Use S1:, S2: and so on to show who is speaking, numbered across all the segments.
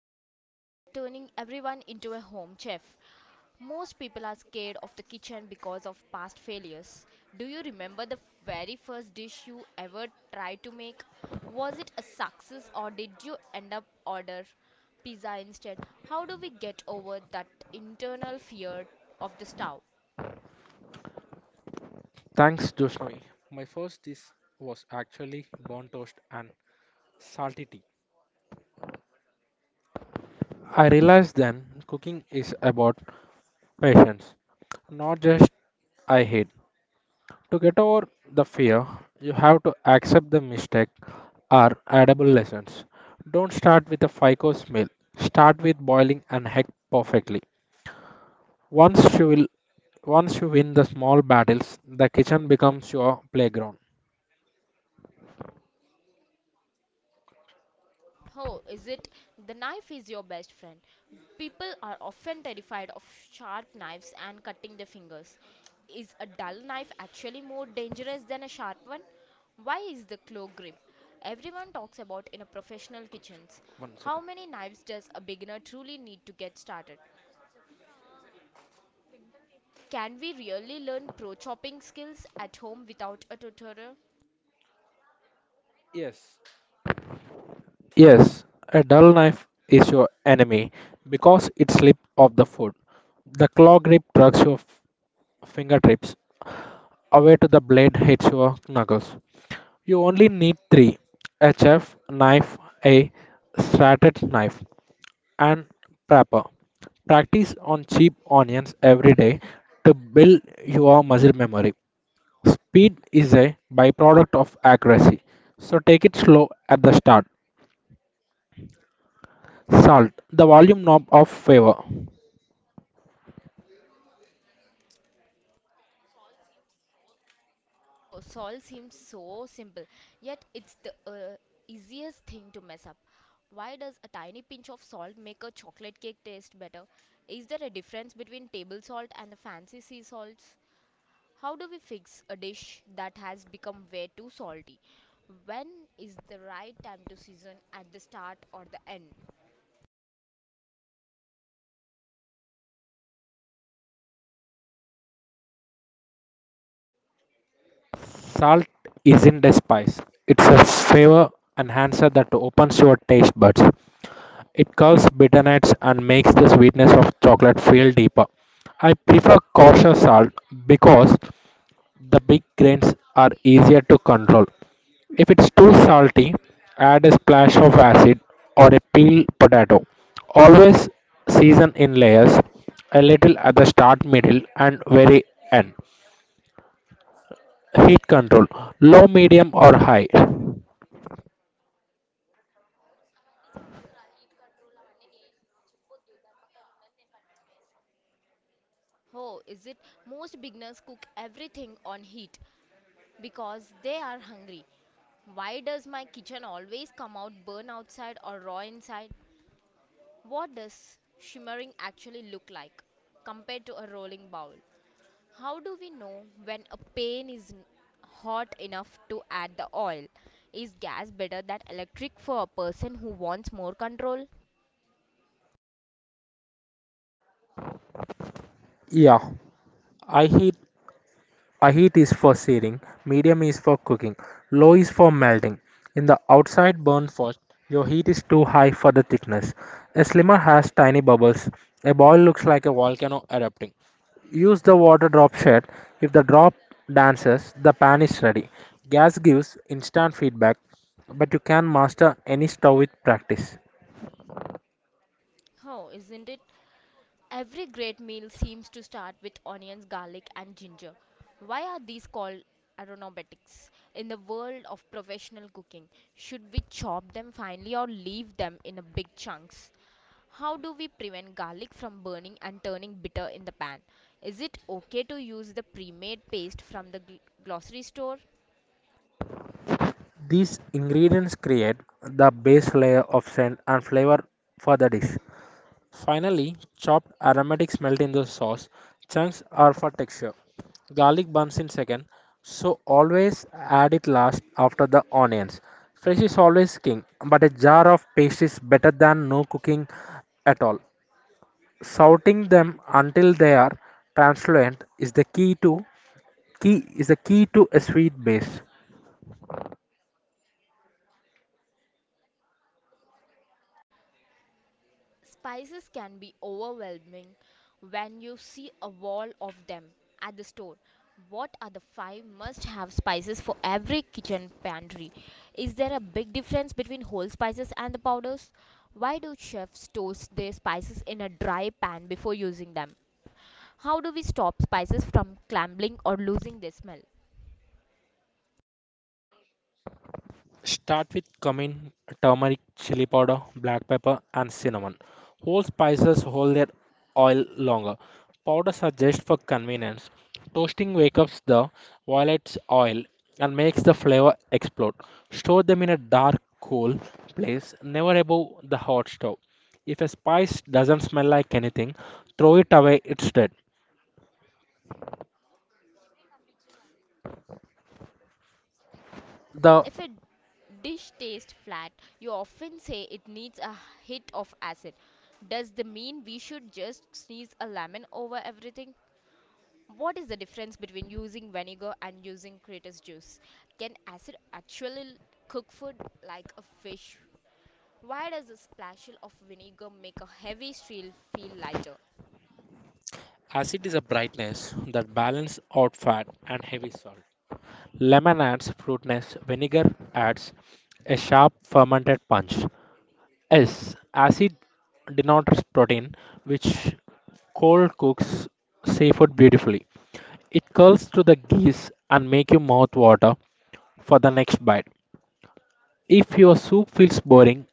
S1: Sai. Today we are turning everyone into a home chef. Most people are scared of the kitchen because of past failures. Do you remember the very first dish you ever tried to make? Was it a success or did you end up order pizza instead? How do we get over that internal fear of the stove?
S2: Thanks, Joshnoi. My first dish was actually burnt toast and salty tea. I realized then cooking is about patience, not just I hate. To get over the fear, you have to accept the mistake are addable lessons. Don't start with a FICO's meal. Start with boiling an egg perfectly. Once you will Once you win the small battles, the kitchen becomes your playground.
S1: Oh, is it? The knife is your best friend. People are often terrified of sharp knives and cutting their fingers. Is a dull knife actually more dangerous than a sharp one? Why is the claw grip everyone talks about in a professional kitchens?
S2: One
S1: How
S2: second.
S1: many knives does a beginner truly need to get started? Can we really learn pro chopping skills at home without a tutorial?
S2: Yes. Yes, a dull knife is your enemy because it slips off the food. The claw grip drags your fingertips away to the blade hits your knuckles. You only need three a chef knife, a serrated knife, and prepper. Practice on cheap onions every day to build your muscle memory. Speed is a byproduct of accuracy, so take it slow at the start. Salt the volume knob of favor.
S1: Oh, solve seems so simple, yet it's the easiest thing to mess up. Why does a tiny pinch of salt make a chocolate cake taste better? Is there a difference between table salt and the fancy sea salts? How do we fix a dish that has become way too salty? When is the right time to season at the start or the end?
S2: Salt isn't a spice, it's a flavor enhancer that opens your taste buds. It curls bitterness and makes the sweetness of chocolate feel deeper. I prefer kosher salt because the big grains are easier to control. If it's too salty, add a splash of acid or a peeled potato. Always season in layers, a little at the start, middle, and very end. Heat control low, medium, or high.
S1: Oh, is it most beginners cook everything on heat because they are hungry. Why does my kitchen always come out burn outside or raw inside? What does shimmering actually look like compared to a rolling bowl? How do we know when a pan is hot enough to add the oil? Is gas better than electric for a person who wants more control?
S2: Yeah, I heat I heat is for searing, medium is for cooking, low is for melting. In the outside burn first, your heat is too high for the thickness. A slimmer has tiny bubbles. A boil looks like a volcano erupting. Use the water drop shed. If the drop dances, the pan is ready. Gas gives instant feedback, but you can master any stove with practice.
S1: Oh, isn't it? Every great meal seems to start with onions, garlic, and ginger. Why are these called aromatics in the world of professional cooking? Should we chop them finely or leave them in a big chunks? How do we prevent garlic from burning and turning bitter in the pan? Is it okay to use the pre-made paste from the grocery store?
S2: These ingredients create the base layer of scent and flavor for the dish. Finally, chopped aromatics melt in the sauce. Chunks are for texture. Garlic burns in second, so always add it last after the onions. Fresh is always king, but a jar of paste is better than no cooking at all. Sauting them until they are translucent is the key to key is the key to a sweet base.
S1: Spices can be overwhelming when you see a wall of them at the store. What are the five must have spices for every kitchen pantry? Is there a big difference between whole spices and the powders? Why do chefs toast their spices in a dry pan before using them? How do we stop spices from crumbling or losing their smell?
S2: Start with cumin, turmeric, chili powder, black pepper, and cinnamon. Whole spices hold their oil longer. Powders are just for convenience. Toasting wakes up the violet's oil and makes the flavor explode. Store them in a dark, cool place, never above the hot stove. If a spice doesn't smell like anything, throw it away, it's dead. The
S1: If a dish tastes flat, you often say it needs a hit of acid. Does the mean we should just sneeze a lemon over everything? What is the difference between using vinegar and using citrus juice? Can acid actually cook food like a fish? Why does a splash of vinegar make a heavy steel feel lighter?
S2: acid is a brightness that balances out fat and heavy salt. Lemon adds fruitness, vinegar adds a sharp fermented punch. S. Acid denotes protein, which cold cooks seafood beautifully. It curls to the geese and make you mouth water for the next bite. If your soup feels boring,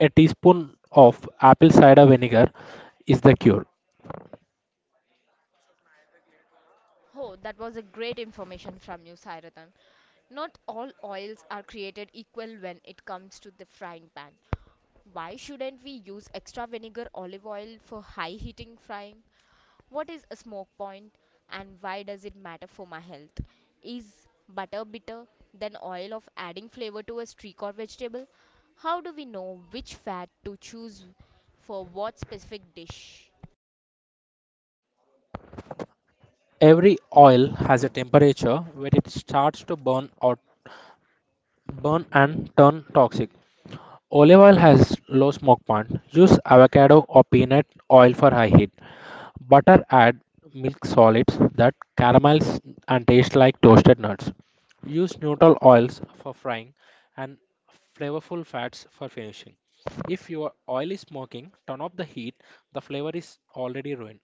S2: a teaspoon of apple cider vinegar is the cure.
S1: Oh, that was a great information from you, Sairatan. Not all oils are created equal when it comes to the frying pan. Why shouldn't we use extra vinegar olive oil for high heating frying? What is a smoke point and why does it matter for my health? Is butter bitter than oil of adding flavor to a streak or vegetable? How do we know which fat to choose for what specific dish?
S2: Every oil has a temperature where it starts to burn and turn toxic. Olive oil has low smoke point. Use avocado or peanut oil for high heat. Butter add milk solids that caramelize and taste like toasted nuts. Use neutral oils for frying and flavorful fats for finishing. If your oil is smoking, turn off the heat. The flavor is already ruined.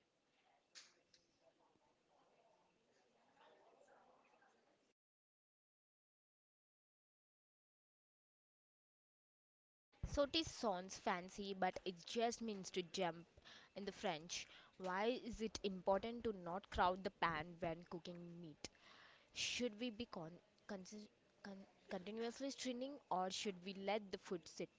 S1: So it sounds fancy, but it just means to jump in the French. Why is it important to not crowd the pan when cooking meat? Should we be consi- continuously stringing or should we let the food sit?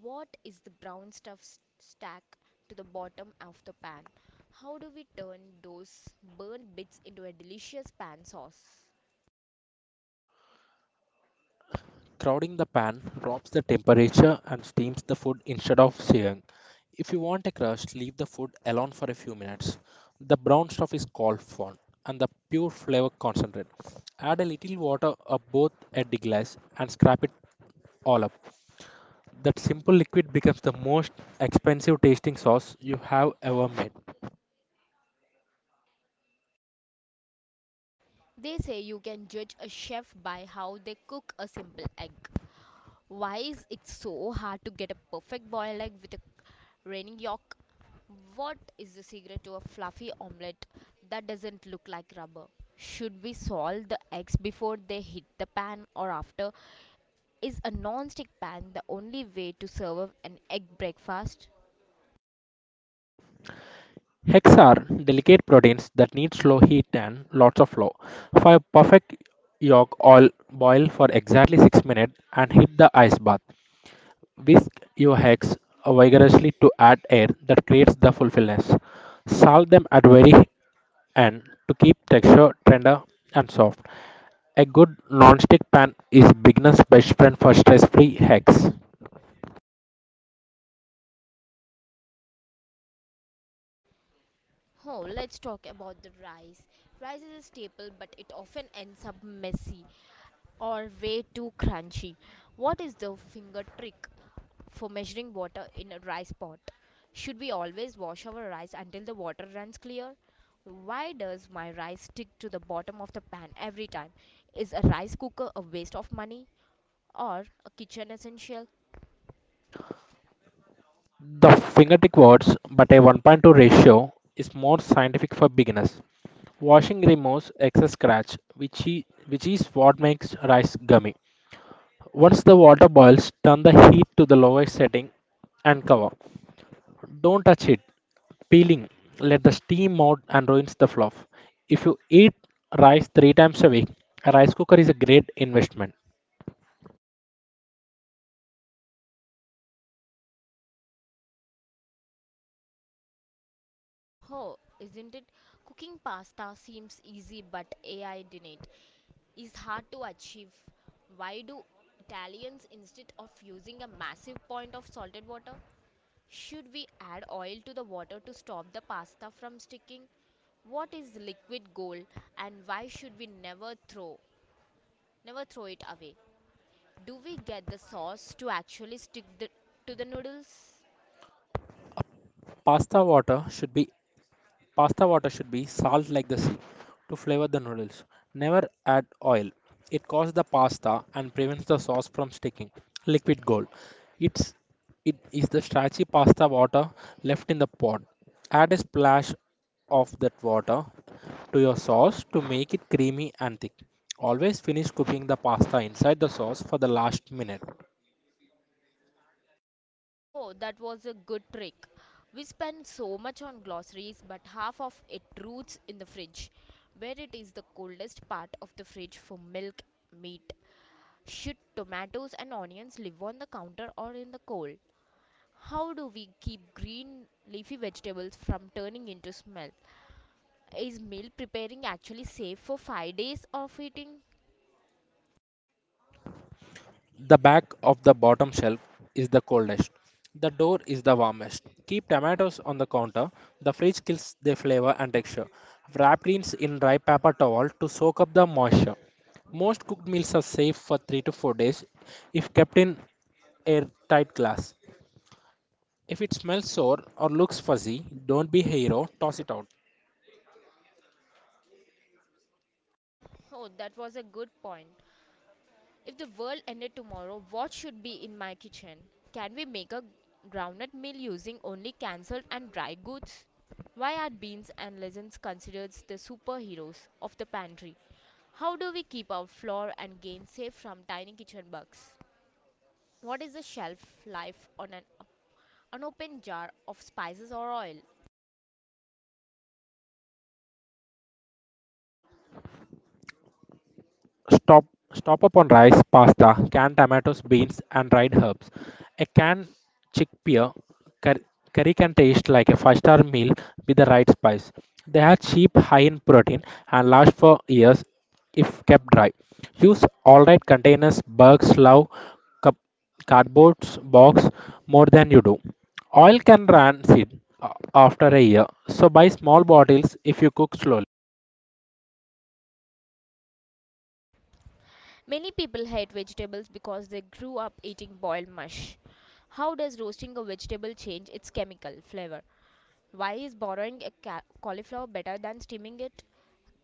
S1: What is the brown stuff stack to the bottom of the pan? How do we turn those burnt bits into a delicious pan sauce?
S2: Crowding the pan drops the temperature and steams the food instead of searing. If you want a crust, leave the food alone for a few minutes. The brown stuff is called fond and the pure flavor concentrate. Add a little water or both a glass and scrape it all up. That simple liquid becomes the most expensive tasting sauce you have ever made.
S1: They say you can judge a chef by how they cook a simple egg. Why is it so hard to get a perfect boiled egg with a runny yolk? What is the secret to a fluffy omelette that doesn't look like rubber? Should we salt the eggs before they hit the pan or after? Is a non-stick pan the only way to serve an egg breakfast?
S2: Hex are delicate proteins that need slow heat and lots of flow. For a perfect yolk oil boil for exactly 6 minutes and heat the ice bath. Whisk your hex vigorously to add air that creates the fullness. Salt them at very end to keep texture tender and soft. A good non-stick pan is beginner's best friend for stress-free hex.
S1: Oh, let's talk about the rice. Rice is a staple, but it often ends up messy or way too crunchy. What is the finger trick for measuring water in a rice pot? Should we always wash our rice until the water runs clear? Why does my rice stick to the bottom of the pan every time? Is a rice cooker a waste of money or a kitchen essential?
S2: The fingertip words but a 1.2 ratio is more scientific for beginners. Washing removes excess starch, which is what makes rice gummy. Once the water boils, turn the heat to the lowest setting and cover. Don't touch it. Peeling, let the steam out and ruins the fluff. If you eat rice three times a week, a rice cooker is a great investment.
S1: Oh, isn't it? Cooking pasta seems easy, but AI did is hard to achieve. Why do Italians, instead of using a massive point of salted water, should we add oil to the water to stop the pasta from sticking? What is liquid gold and why should we never throw it away? Do we get the sauce to actually stick the, to the noodles?
S2: Pasta water should be Pasta water should be salt like the sea to flavor the noodles. Never add oil. It coats the pasta and prevents the sauce from sticking. Liquid gold. It's it is the starchy pasta water left in the pot. Add a splash of that water to your sauce to make it creamy and thick. Always finish cooking the pasta inside the sauce for the last minute.
S1: Oh, that was a good trick. We spend so much on glossaries, but half of it roots in the fridge, where it is the coldest part of the fridge for milk, meat. Should tomatoes and onions live on the counter or in the cold? How do we keep green leafy vegetables from turning into smell? Is meal preparing actually safe for 5 days of eating?
S2: The back of the bottom shelf is the coldest. The door is the warmest. Keep tomatoes on the counter. The fridge kills their flavor and texture. Wrap greens in dry paper towel to soak up the moisture. Most cooked meals are safe for 3 to 4 days if kept in airtight glass. If it smells sour or looks fuzzy, don't be a hero, toss it out.
S1: Oh, that was a good point. If the world ended tomorrow, what should be in my kitchen? Can we make a groundnut meal using only cancelled and dry goods? Why are beans and lentils considered the superheroes of the pantry? How do we keep our flour and grain safe from tiny kitchen bugs? What is the shelf life on an unopened jar of spices or oil?
S2: Stop, stop up on rice, pasta, canned tomatoes, beans, and dried herbs. A canned chickpea cur- curry can taste like a five-star meal with the right spice. They are cheap, high in protein, and last for years if kept dry. Use alright containers, bags, love, cup, cardboard box more than you do. Oil can rancid after a year, so buy small bottles if you cook slowly.
S1: Many people hate vegetables because they grew up eating boiled mush. How does roasting a vegetable change its chemical flavor? Why is boiling a cauliflower better than steaming it?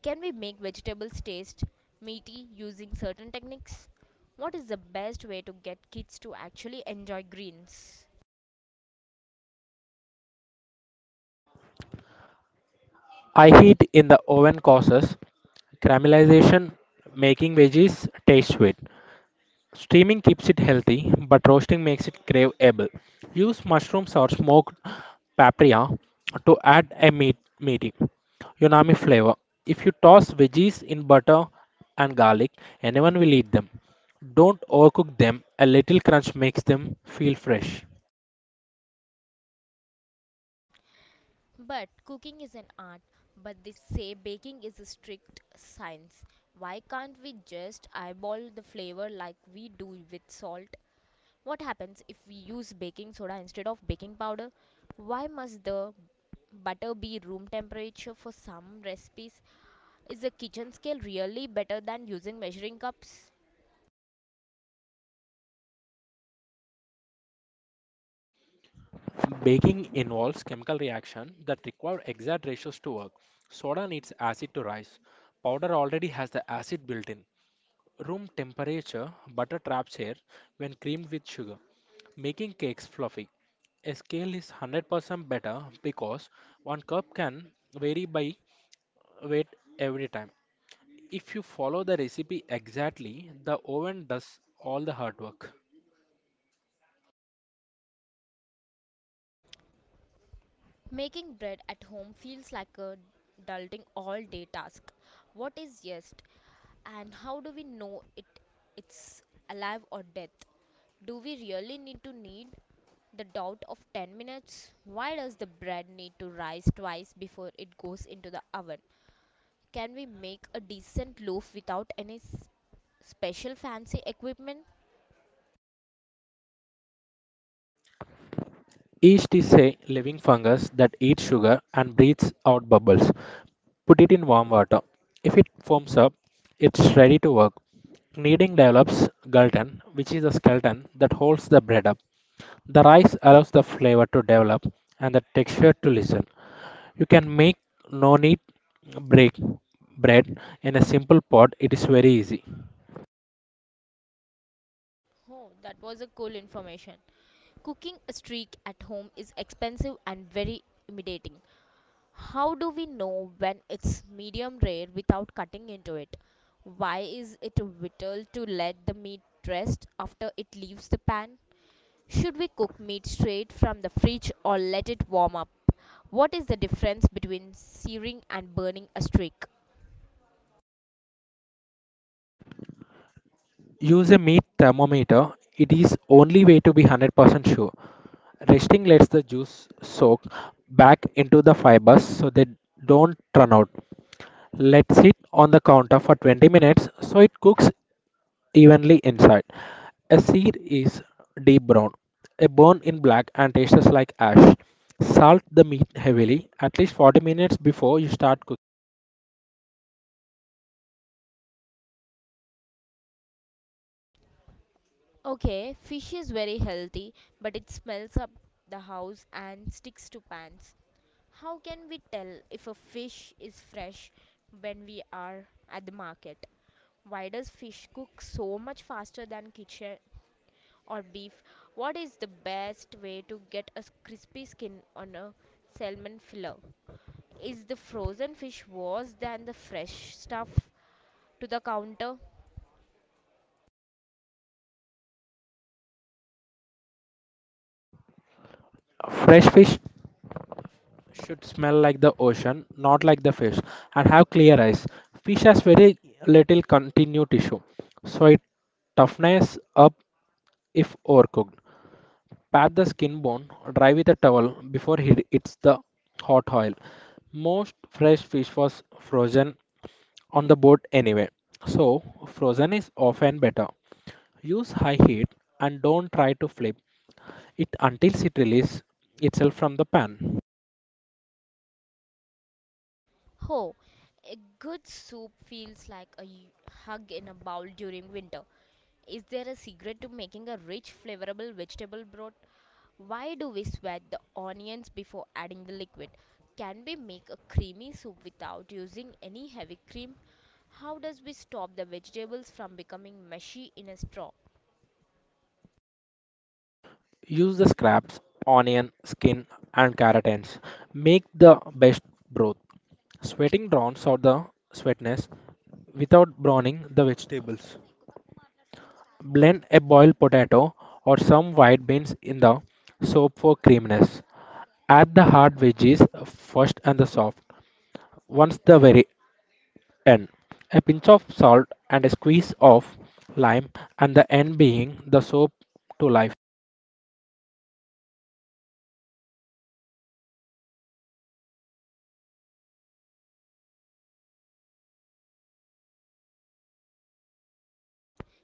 S1: Can we make vegetables taste meaty using certain techniques? What is the best way to get kids to actually enjoy greens?
S2: I heat in the oven causes caramelization making veggies taste sweet. Steaming keeps it healthy, but roasting makes it craveable. Use mushrooms or smoked paprika to add a meaty Yunami flavor. If you toss veggies in butter and garlic, anyone will eat them. Don't overcook them. A little crunch makes them feel fresh.
S1: But cooking is an art, but they say baking is a strict science. Why can't we just eyeball the flavor like we do with salt? What happens if we use baking soda instead of baking powder? Why must the butter be room temperature for some recipes? Is a kitchen scale really better than using measuring cups?
S2: Baking involves chemical reaction that require exact ratios to work. Soda needs acid to rise. Powder already has the acid built in. Room temperature butter traps air when creamed with sugar, making cakes fluffy. A scale is 100% better because one cup can vary by weight every time. If you follow the recipe exactly, the oven does all the hard work.
S1: Making bread at home feels like a daunting all day task. What is yeast and how do we know it's alive or death? Do we really need the doubt of 10 minutes? Why does the bread need to rise twice before it goes into the oven? Can we make a decent loaf without any special fancy equipment?
S2: Yeast is a living fungus that eats sugar and breathes out bubbles. Put it in warm water. If it foams up, it's ready to work. Kneading develops gluten, which is the skeleton that holds the bread up. The rice allows the flavor to develop and the texture to listen. You can make no need break bread in a simple pot. It is very easy.
S1: Oh, that was a cool information. Cooking a streak at home is expensive and very intimidating. How do we know when it's medium rare without cutting into it? Why is it vital to let the meat rest after it leaves the pan? Should we cook meat straight from the fridge or let it warm up? What is the difference between searing and burning a steak?
S2: Use a meat thermometer. It is only way to be 100% sure. Resting lets the juice soak back into the fibers so they don't run out. Let sit on the counter for 20 minutes so it cooks evenly inside. A seed is deep brown, a bone in black, and tastes like ash. Salt the meat heavily, at least 40 minutes before you start cooking.
S1: Okay, fish is very healthy, but it smells up the house and sticks to pans. How can we tell if a fish is fresh when we are at the market? Why does fish cook so much faster than kitchen or beef? What is the best way to get a crispy skin on a salmon fillet? Is the frozen fish worse than the fresh stuff to the counter?
S2: Fresh fish should smell like the ocean, not like the fish, and have clear eyes. Fish has very little continuous tissue, so it toughens up if overcooked. Pat the skin bone dry with a towel before it hits the hot oil. Most fresh fish was frozen on the boat anyway. So, frozen is often better. Use high heat and don't try to flip it until it releases itself from the pan.
S1: Oh, a good soup feels like a hug in a bowl during winter. Is there a secret to making a rich, flavorable vegetable broth? Why do we sweat the onions before adding the liquid? Can we make a creamy soup without using any heavy cream? How does we stop the vegetables from becoming mushy in a straw?
S2: Use the scraps, onion, skin, and carrot ends. Make the best broth. Sweating drowns out the sweetness without browning the vegetables. Blend a boiled potato or some white beans in the soap for creaminess. Add the hard veggies first and the soft. Once the very N. A pinch of salt and a squeeze of lime, and the N being the soap to life.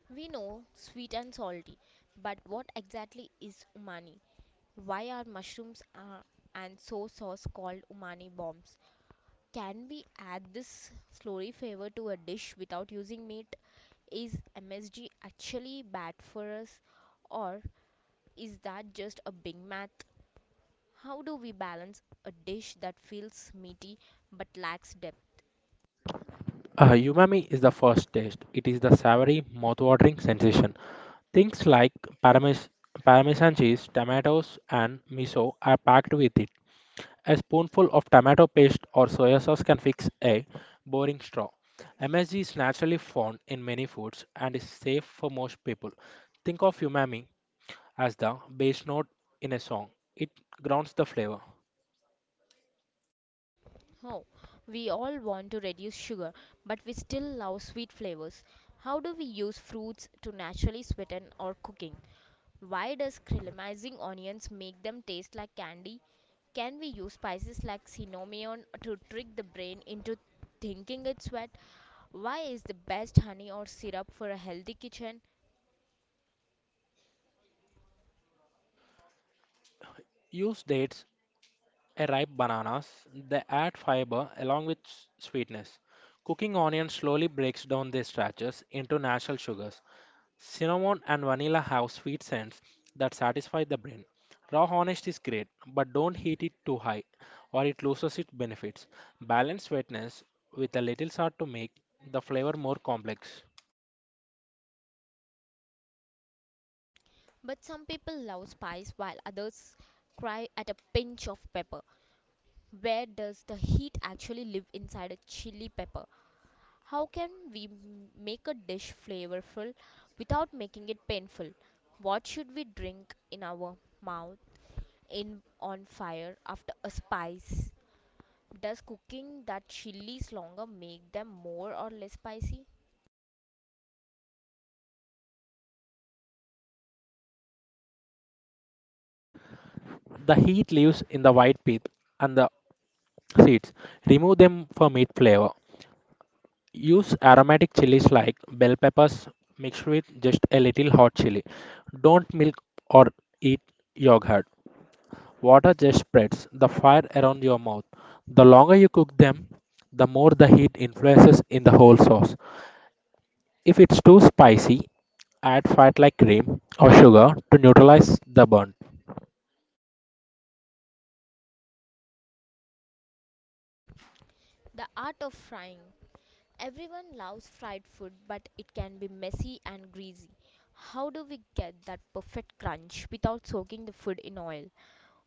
S1: We know sweet and salty, but what exactly is umami? Why are mushrooms and soy sauce called umami bombs? Can we add this slowly flavor to a dish without using meat? Is MSG actually bad for us or is that just a big math? How do we balance a dish that feels meaty but lacks depth?
S2: Umami is the first taste. It is the savory, mouth-watering sensation. Things like parmes- parmesan cheese, tomatoes, and miso are packed with it. A spoonful of tomato paste or soy sauce can fix a boring straw. MSG is naturally found in many foods and is safe for most people. Think of umami as the bass note in a song. It grounds the flavor.
S1: Oh, we all want to reduce sugar, but we still love sweet flavors. How do we use fruits to naturally sweeten our cooking? Why does caramelizing onions make them taste like candy? Can we use spices like cinnamon to trick the brain into thinking it's sweet? Why is the best honey or syrup for a healthy kitchen?
S2: Use dates, a ripe bananas. They add fiber along with sweetness. Cooking onion slowly breaks down their starches into natural sugars. Cinnamon and vanilla have sweet scents that satisfy the brain. Raw honey is great, but don't heat it too high or it loses its benefits. Balance sweetness with a little salt to make the flavor more complex.
S1: But some people love spice while others cry at a pinch of pepper. Where does the heat actually live inside a chili pepper? How can we make a dish flavorful without making it painful? What should we drink in our mouth in on fire after a spice? Does cooking that chilies longer make them more or less spicy?
S2: The heat lives in the white pith and the seeds. Remove them for meat flavor. Use aromatic chilies like bell peppers mixed with just a little hot chili. Don't milk or eat yogurt. Water just spreads the fire around your mouth. The longer you cook them, the more the heat influences in the whole sauce. If it's too spicy, add fat like cream or sugar to neutralize the burn.
S1: The art of frying. Everyone loves fried food, but it can be messy and greasy. How do we get that perfect crunch without soaking the food in oil?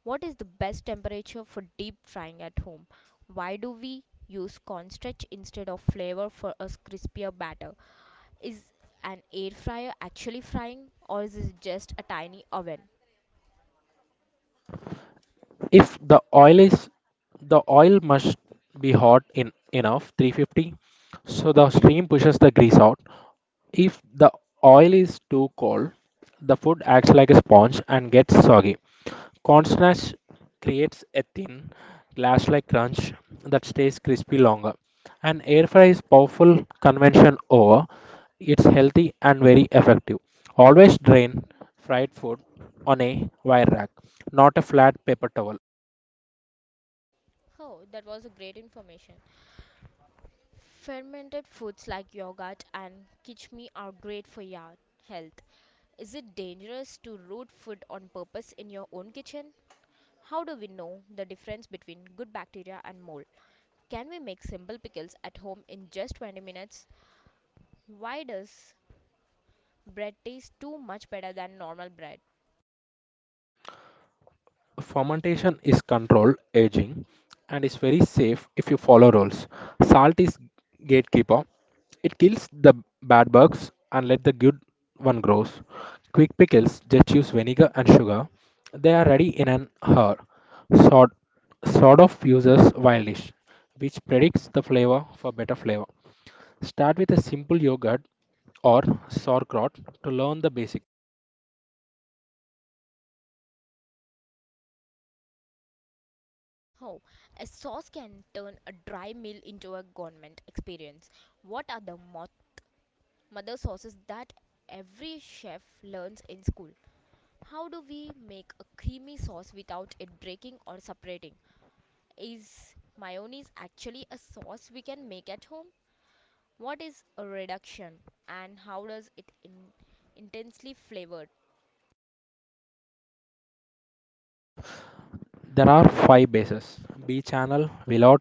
S1: What is the best temperature for deep frying at home? Why do we use cornstarch instead of flour for a crispier batter? Is an air fryer actually frying, or is it just a tiny oven?
S2: If the oil is The oil must be hot in enough 350 so the steam pushes the grease out. If the oil is too cold, the food acts like a sponge and gets soggy. Cornstarch creates a thin, glass like crunch that stays crispy longer. An air fry is powerful convention over. It's healthy and very effective. Always drain fried food on a wire rack, not a flat paper towel.
S1: Oh, that was a great information. Fermented foods like yogurt and kichmi are great for your health. Is it dangerous to root food on purpose in your own kitchen? How do we know the difference between good bacteria and mold? Can we make simple pickles at home in just 20 minutes? Why does bread taste too much better than normal bread?
S2: Fermentation is controlled aging and is very safe if you follow rules. Salt is gatekeeper. It kills the bad bugs and let the good one grows. Quick pickles just use vinegar and sugar. They are ready in an hour. Sort sort of uses wildish, which predicts the flavor for better flavor. Start with a simple yogurt or sauerkraut to learn the basic.
S1: Oh, a sauce can turn a dry meal into a gourmet experience. What are the mother sauces that every chef learns in school? How do we make a creamy sauce without it breaking or separating? Is mayonnaise actually a sauce we can make at home? What is a reduction and how does it intensely flavored?
S2: There are five bases: B channel, willout,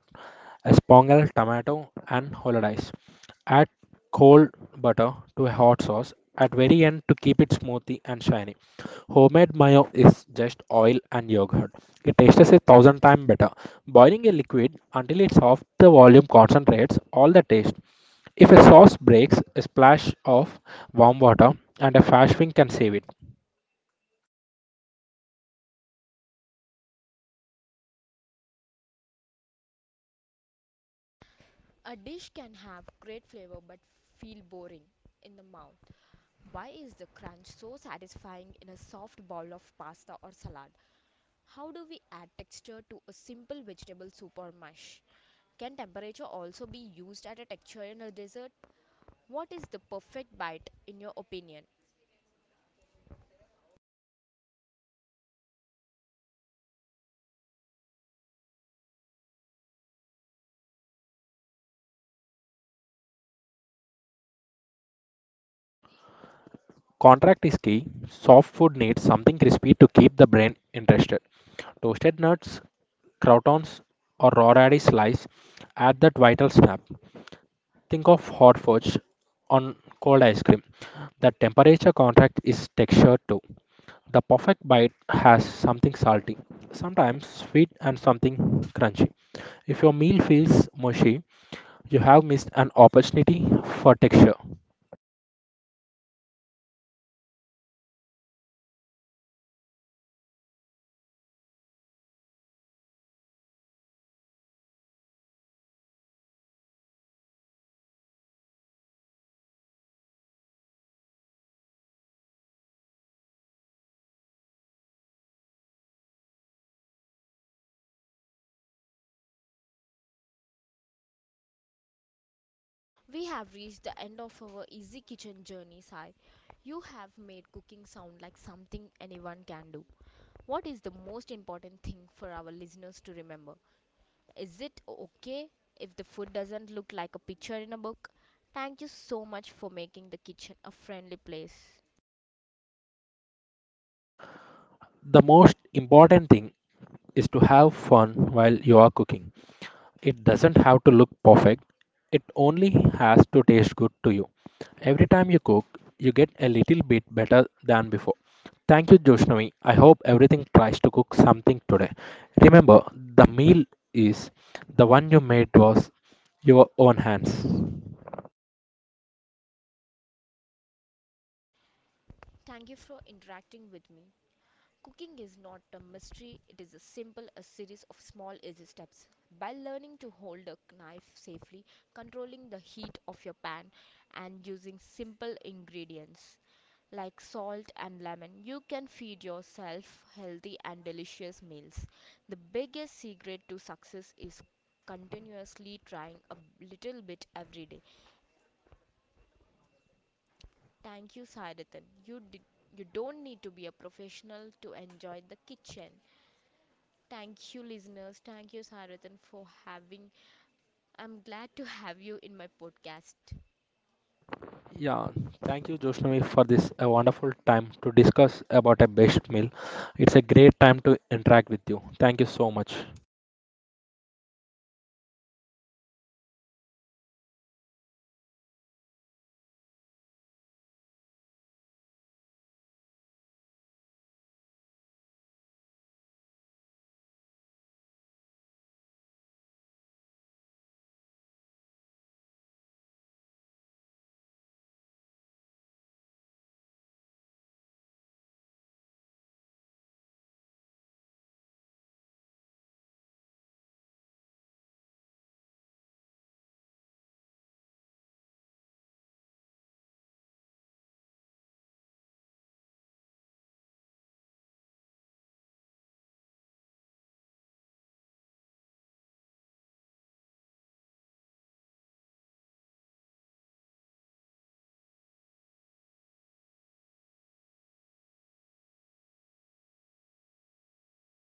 S2: espongal, tomato, and hollandaise. Add cold butter to a hot sauce at very end to keep it smoothy and shiny. Homemade mayo is just oil and yogurt. It tastes a thousand times better. Boiling a liquid until it's half the volume concentrates all the taste. If a sauce breaks, a splash of warm water and a fast wing can save it.
S1: A dish can have great flavor but feel boring in the mouth. Why is the crunch so satisfying in a soft bowl of pasta or salad? How do we add texture to a simple vegetable soup or mush? Can temperature also be used as a texture in a dessert? What is the perfect bite in your opinion?
S2: Contract is key. Soft food needs something crispy to keep the brain interested. Toasted nuts, croutons, or raw radish slice add that vital snap. Think of hot fudge on cold ice cream. The temperature contract is texture too. The perfect bite has something salty, sometimes sweet, and something crunchy. If your meal feels mushy, you have missed an opportunity for texture.
S1: We have reached the end of our easy kitchen journey, Sai. You have made cooking sound like something anyone can do. What is the most important thing for our listeners to remember? Is it okay if the food doesn't look like a picture in a book? Thank you so much for making the kitchen a friendly place.
S2: The most important thing is to have fun while you are cooking. It doesn't have to look perfect, it only has to taste good to you. Every time you cook, you get a little bit better than before. Thank you, Joshnavi. I hope everything tries to cook something today. Remember, the meal is the one you made was your own hands.
S1: Thank you for interacting with me. Cooking is not a mystery, it is a simple a series of small easy steps. By learning to hold a knife safely, controlling the heat of your pan, and using simple ingredients like salt and lemon, you can feed yourself healthy and delicious meals. The biggest secret to success is continuously trying a little bit every day. Thank you, Sadathan. You did, you don't need to be a professional to enjoy the kitchen. Thank you, listeners. Thank you, Sarathan, for having. I'm glad to have you in my podcast.
S2: Yeah, thank you, Joshnavi, for this a wonderful time to discuss about a best meal. It's a great time to interact with you. Thank you so much.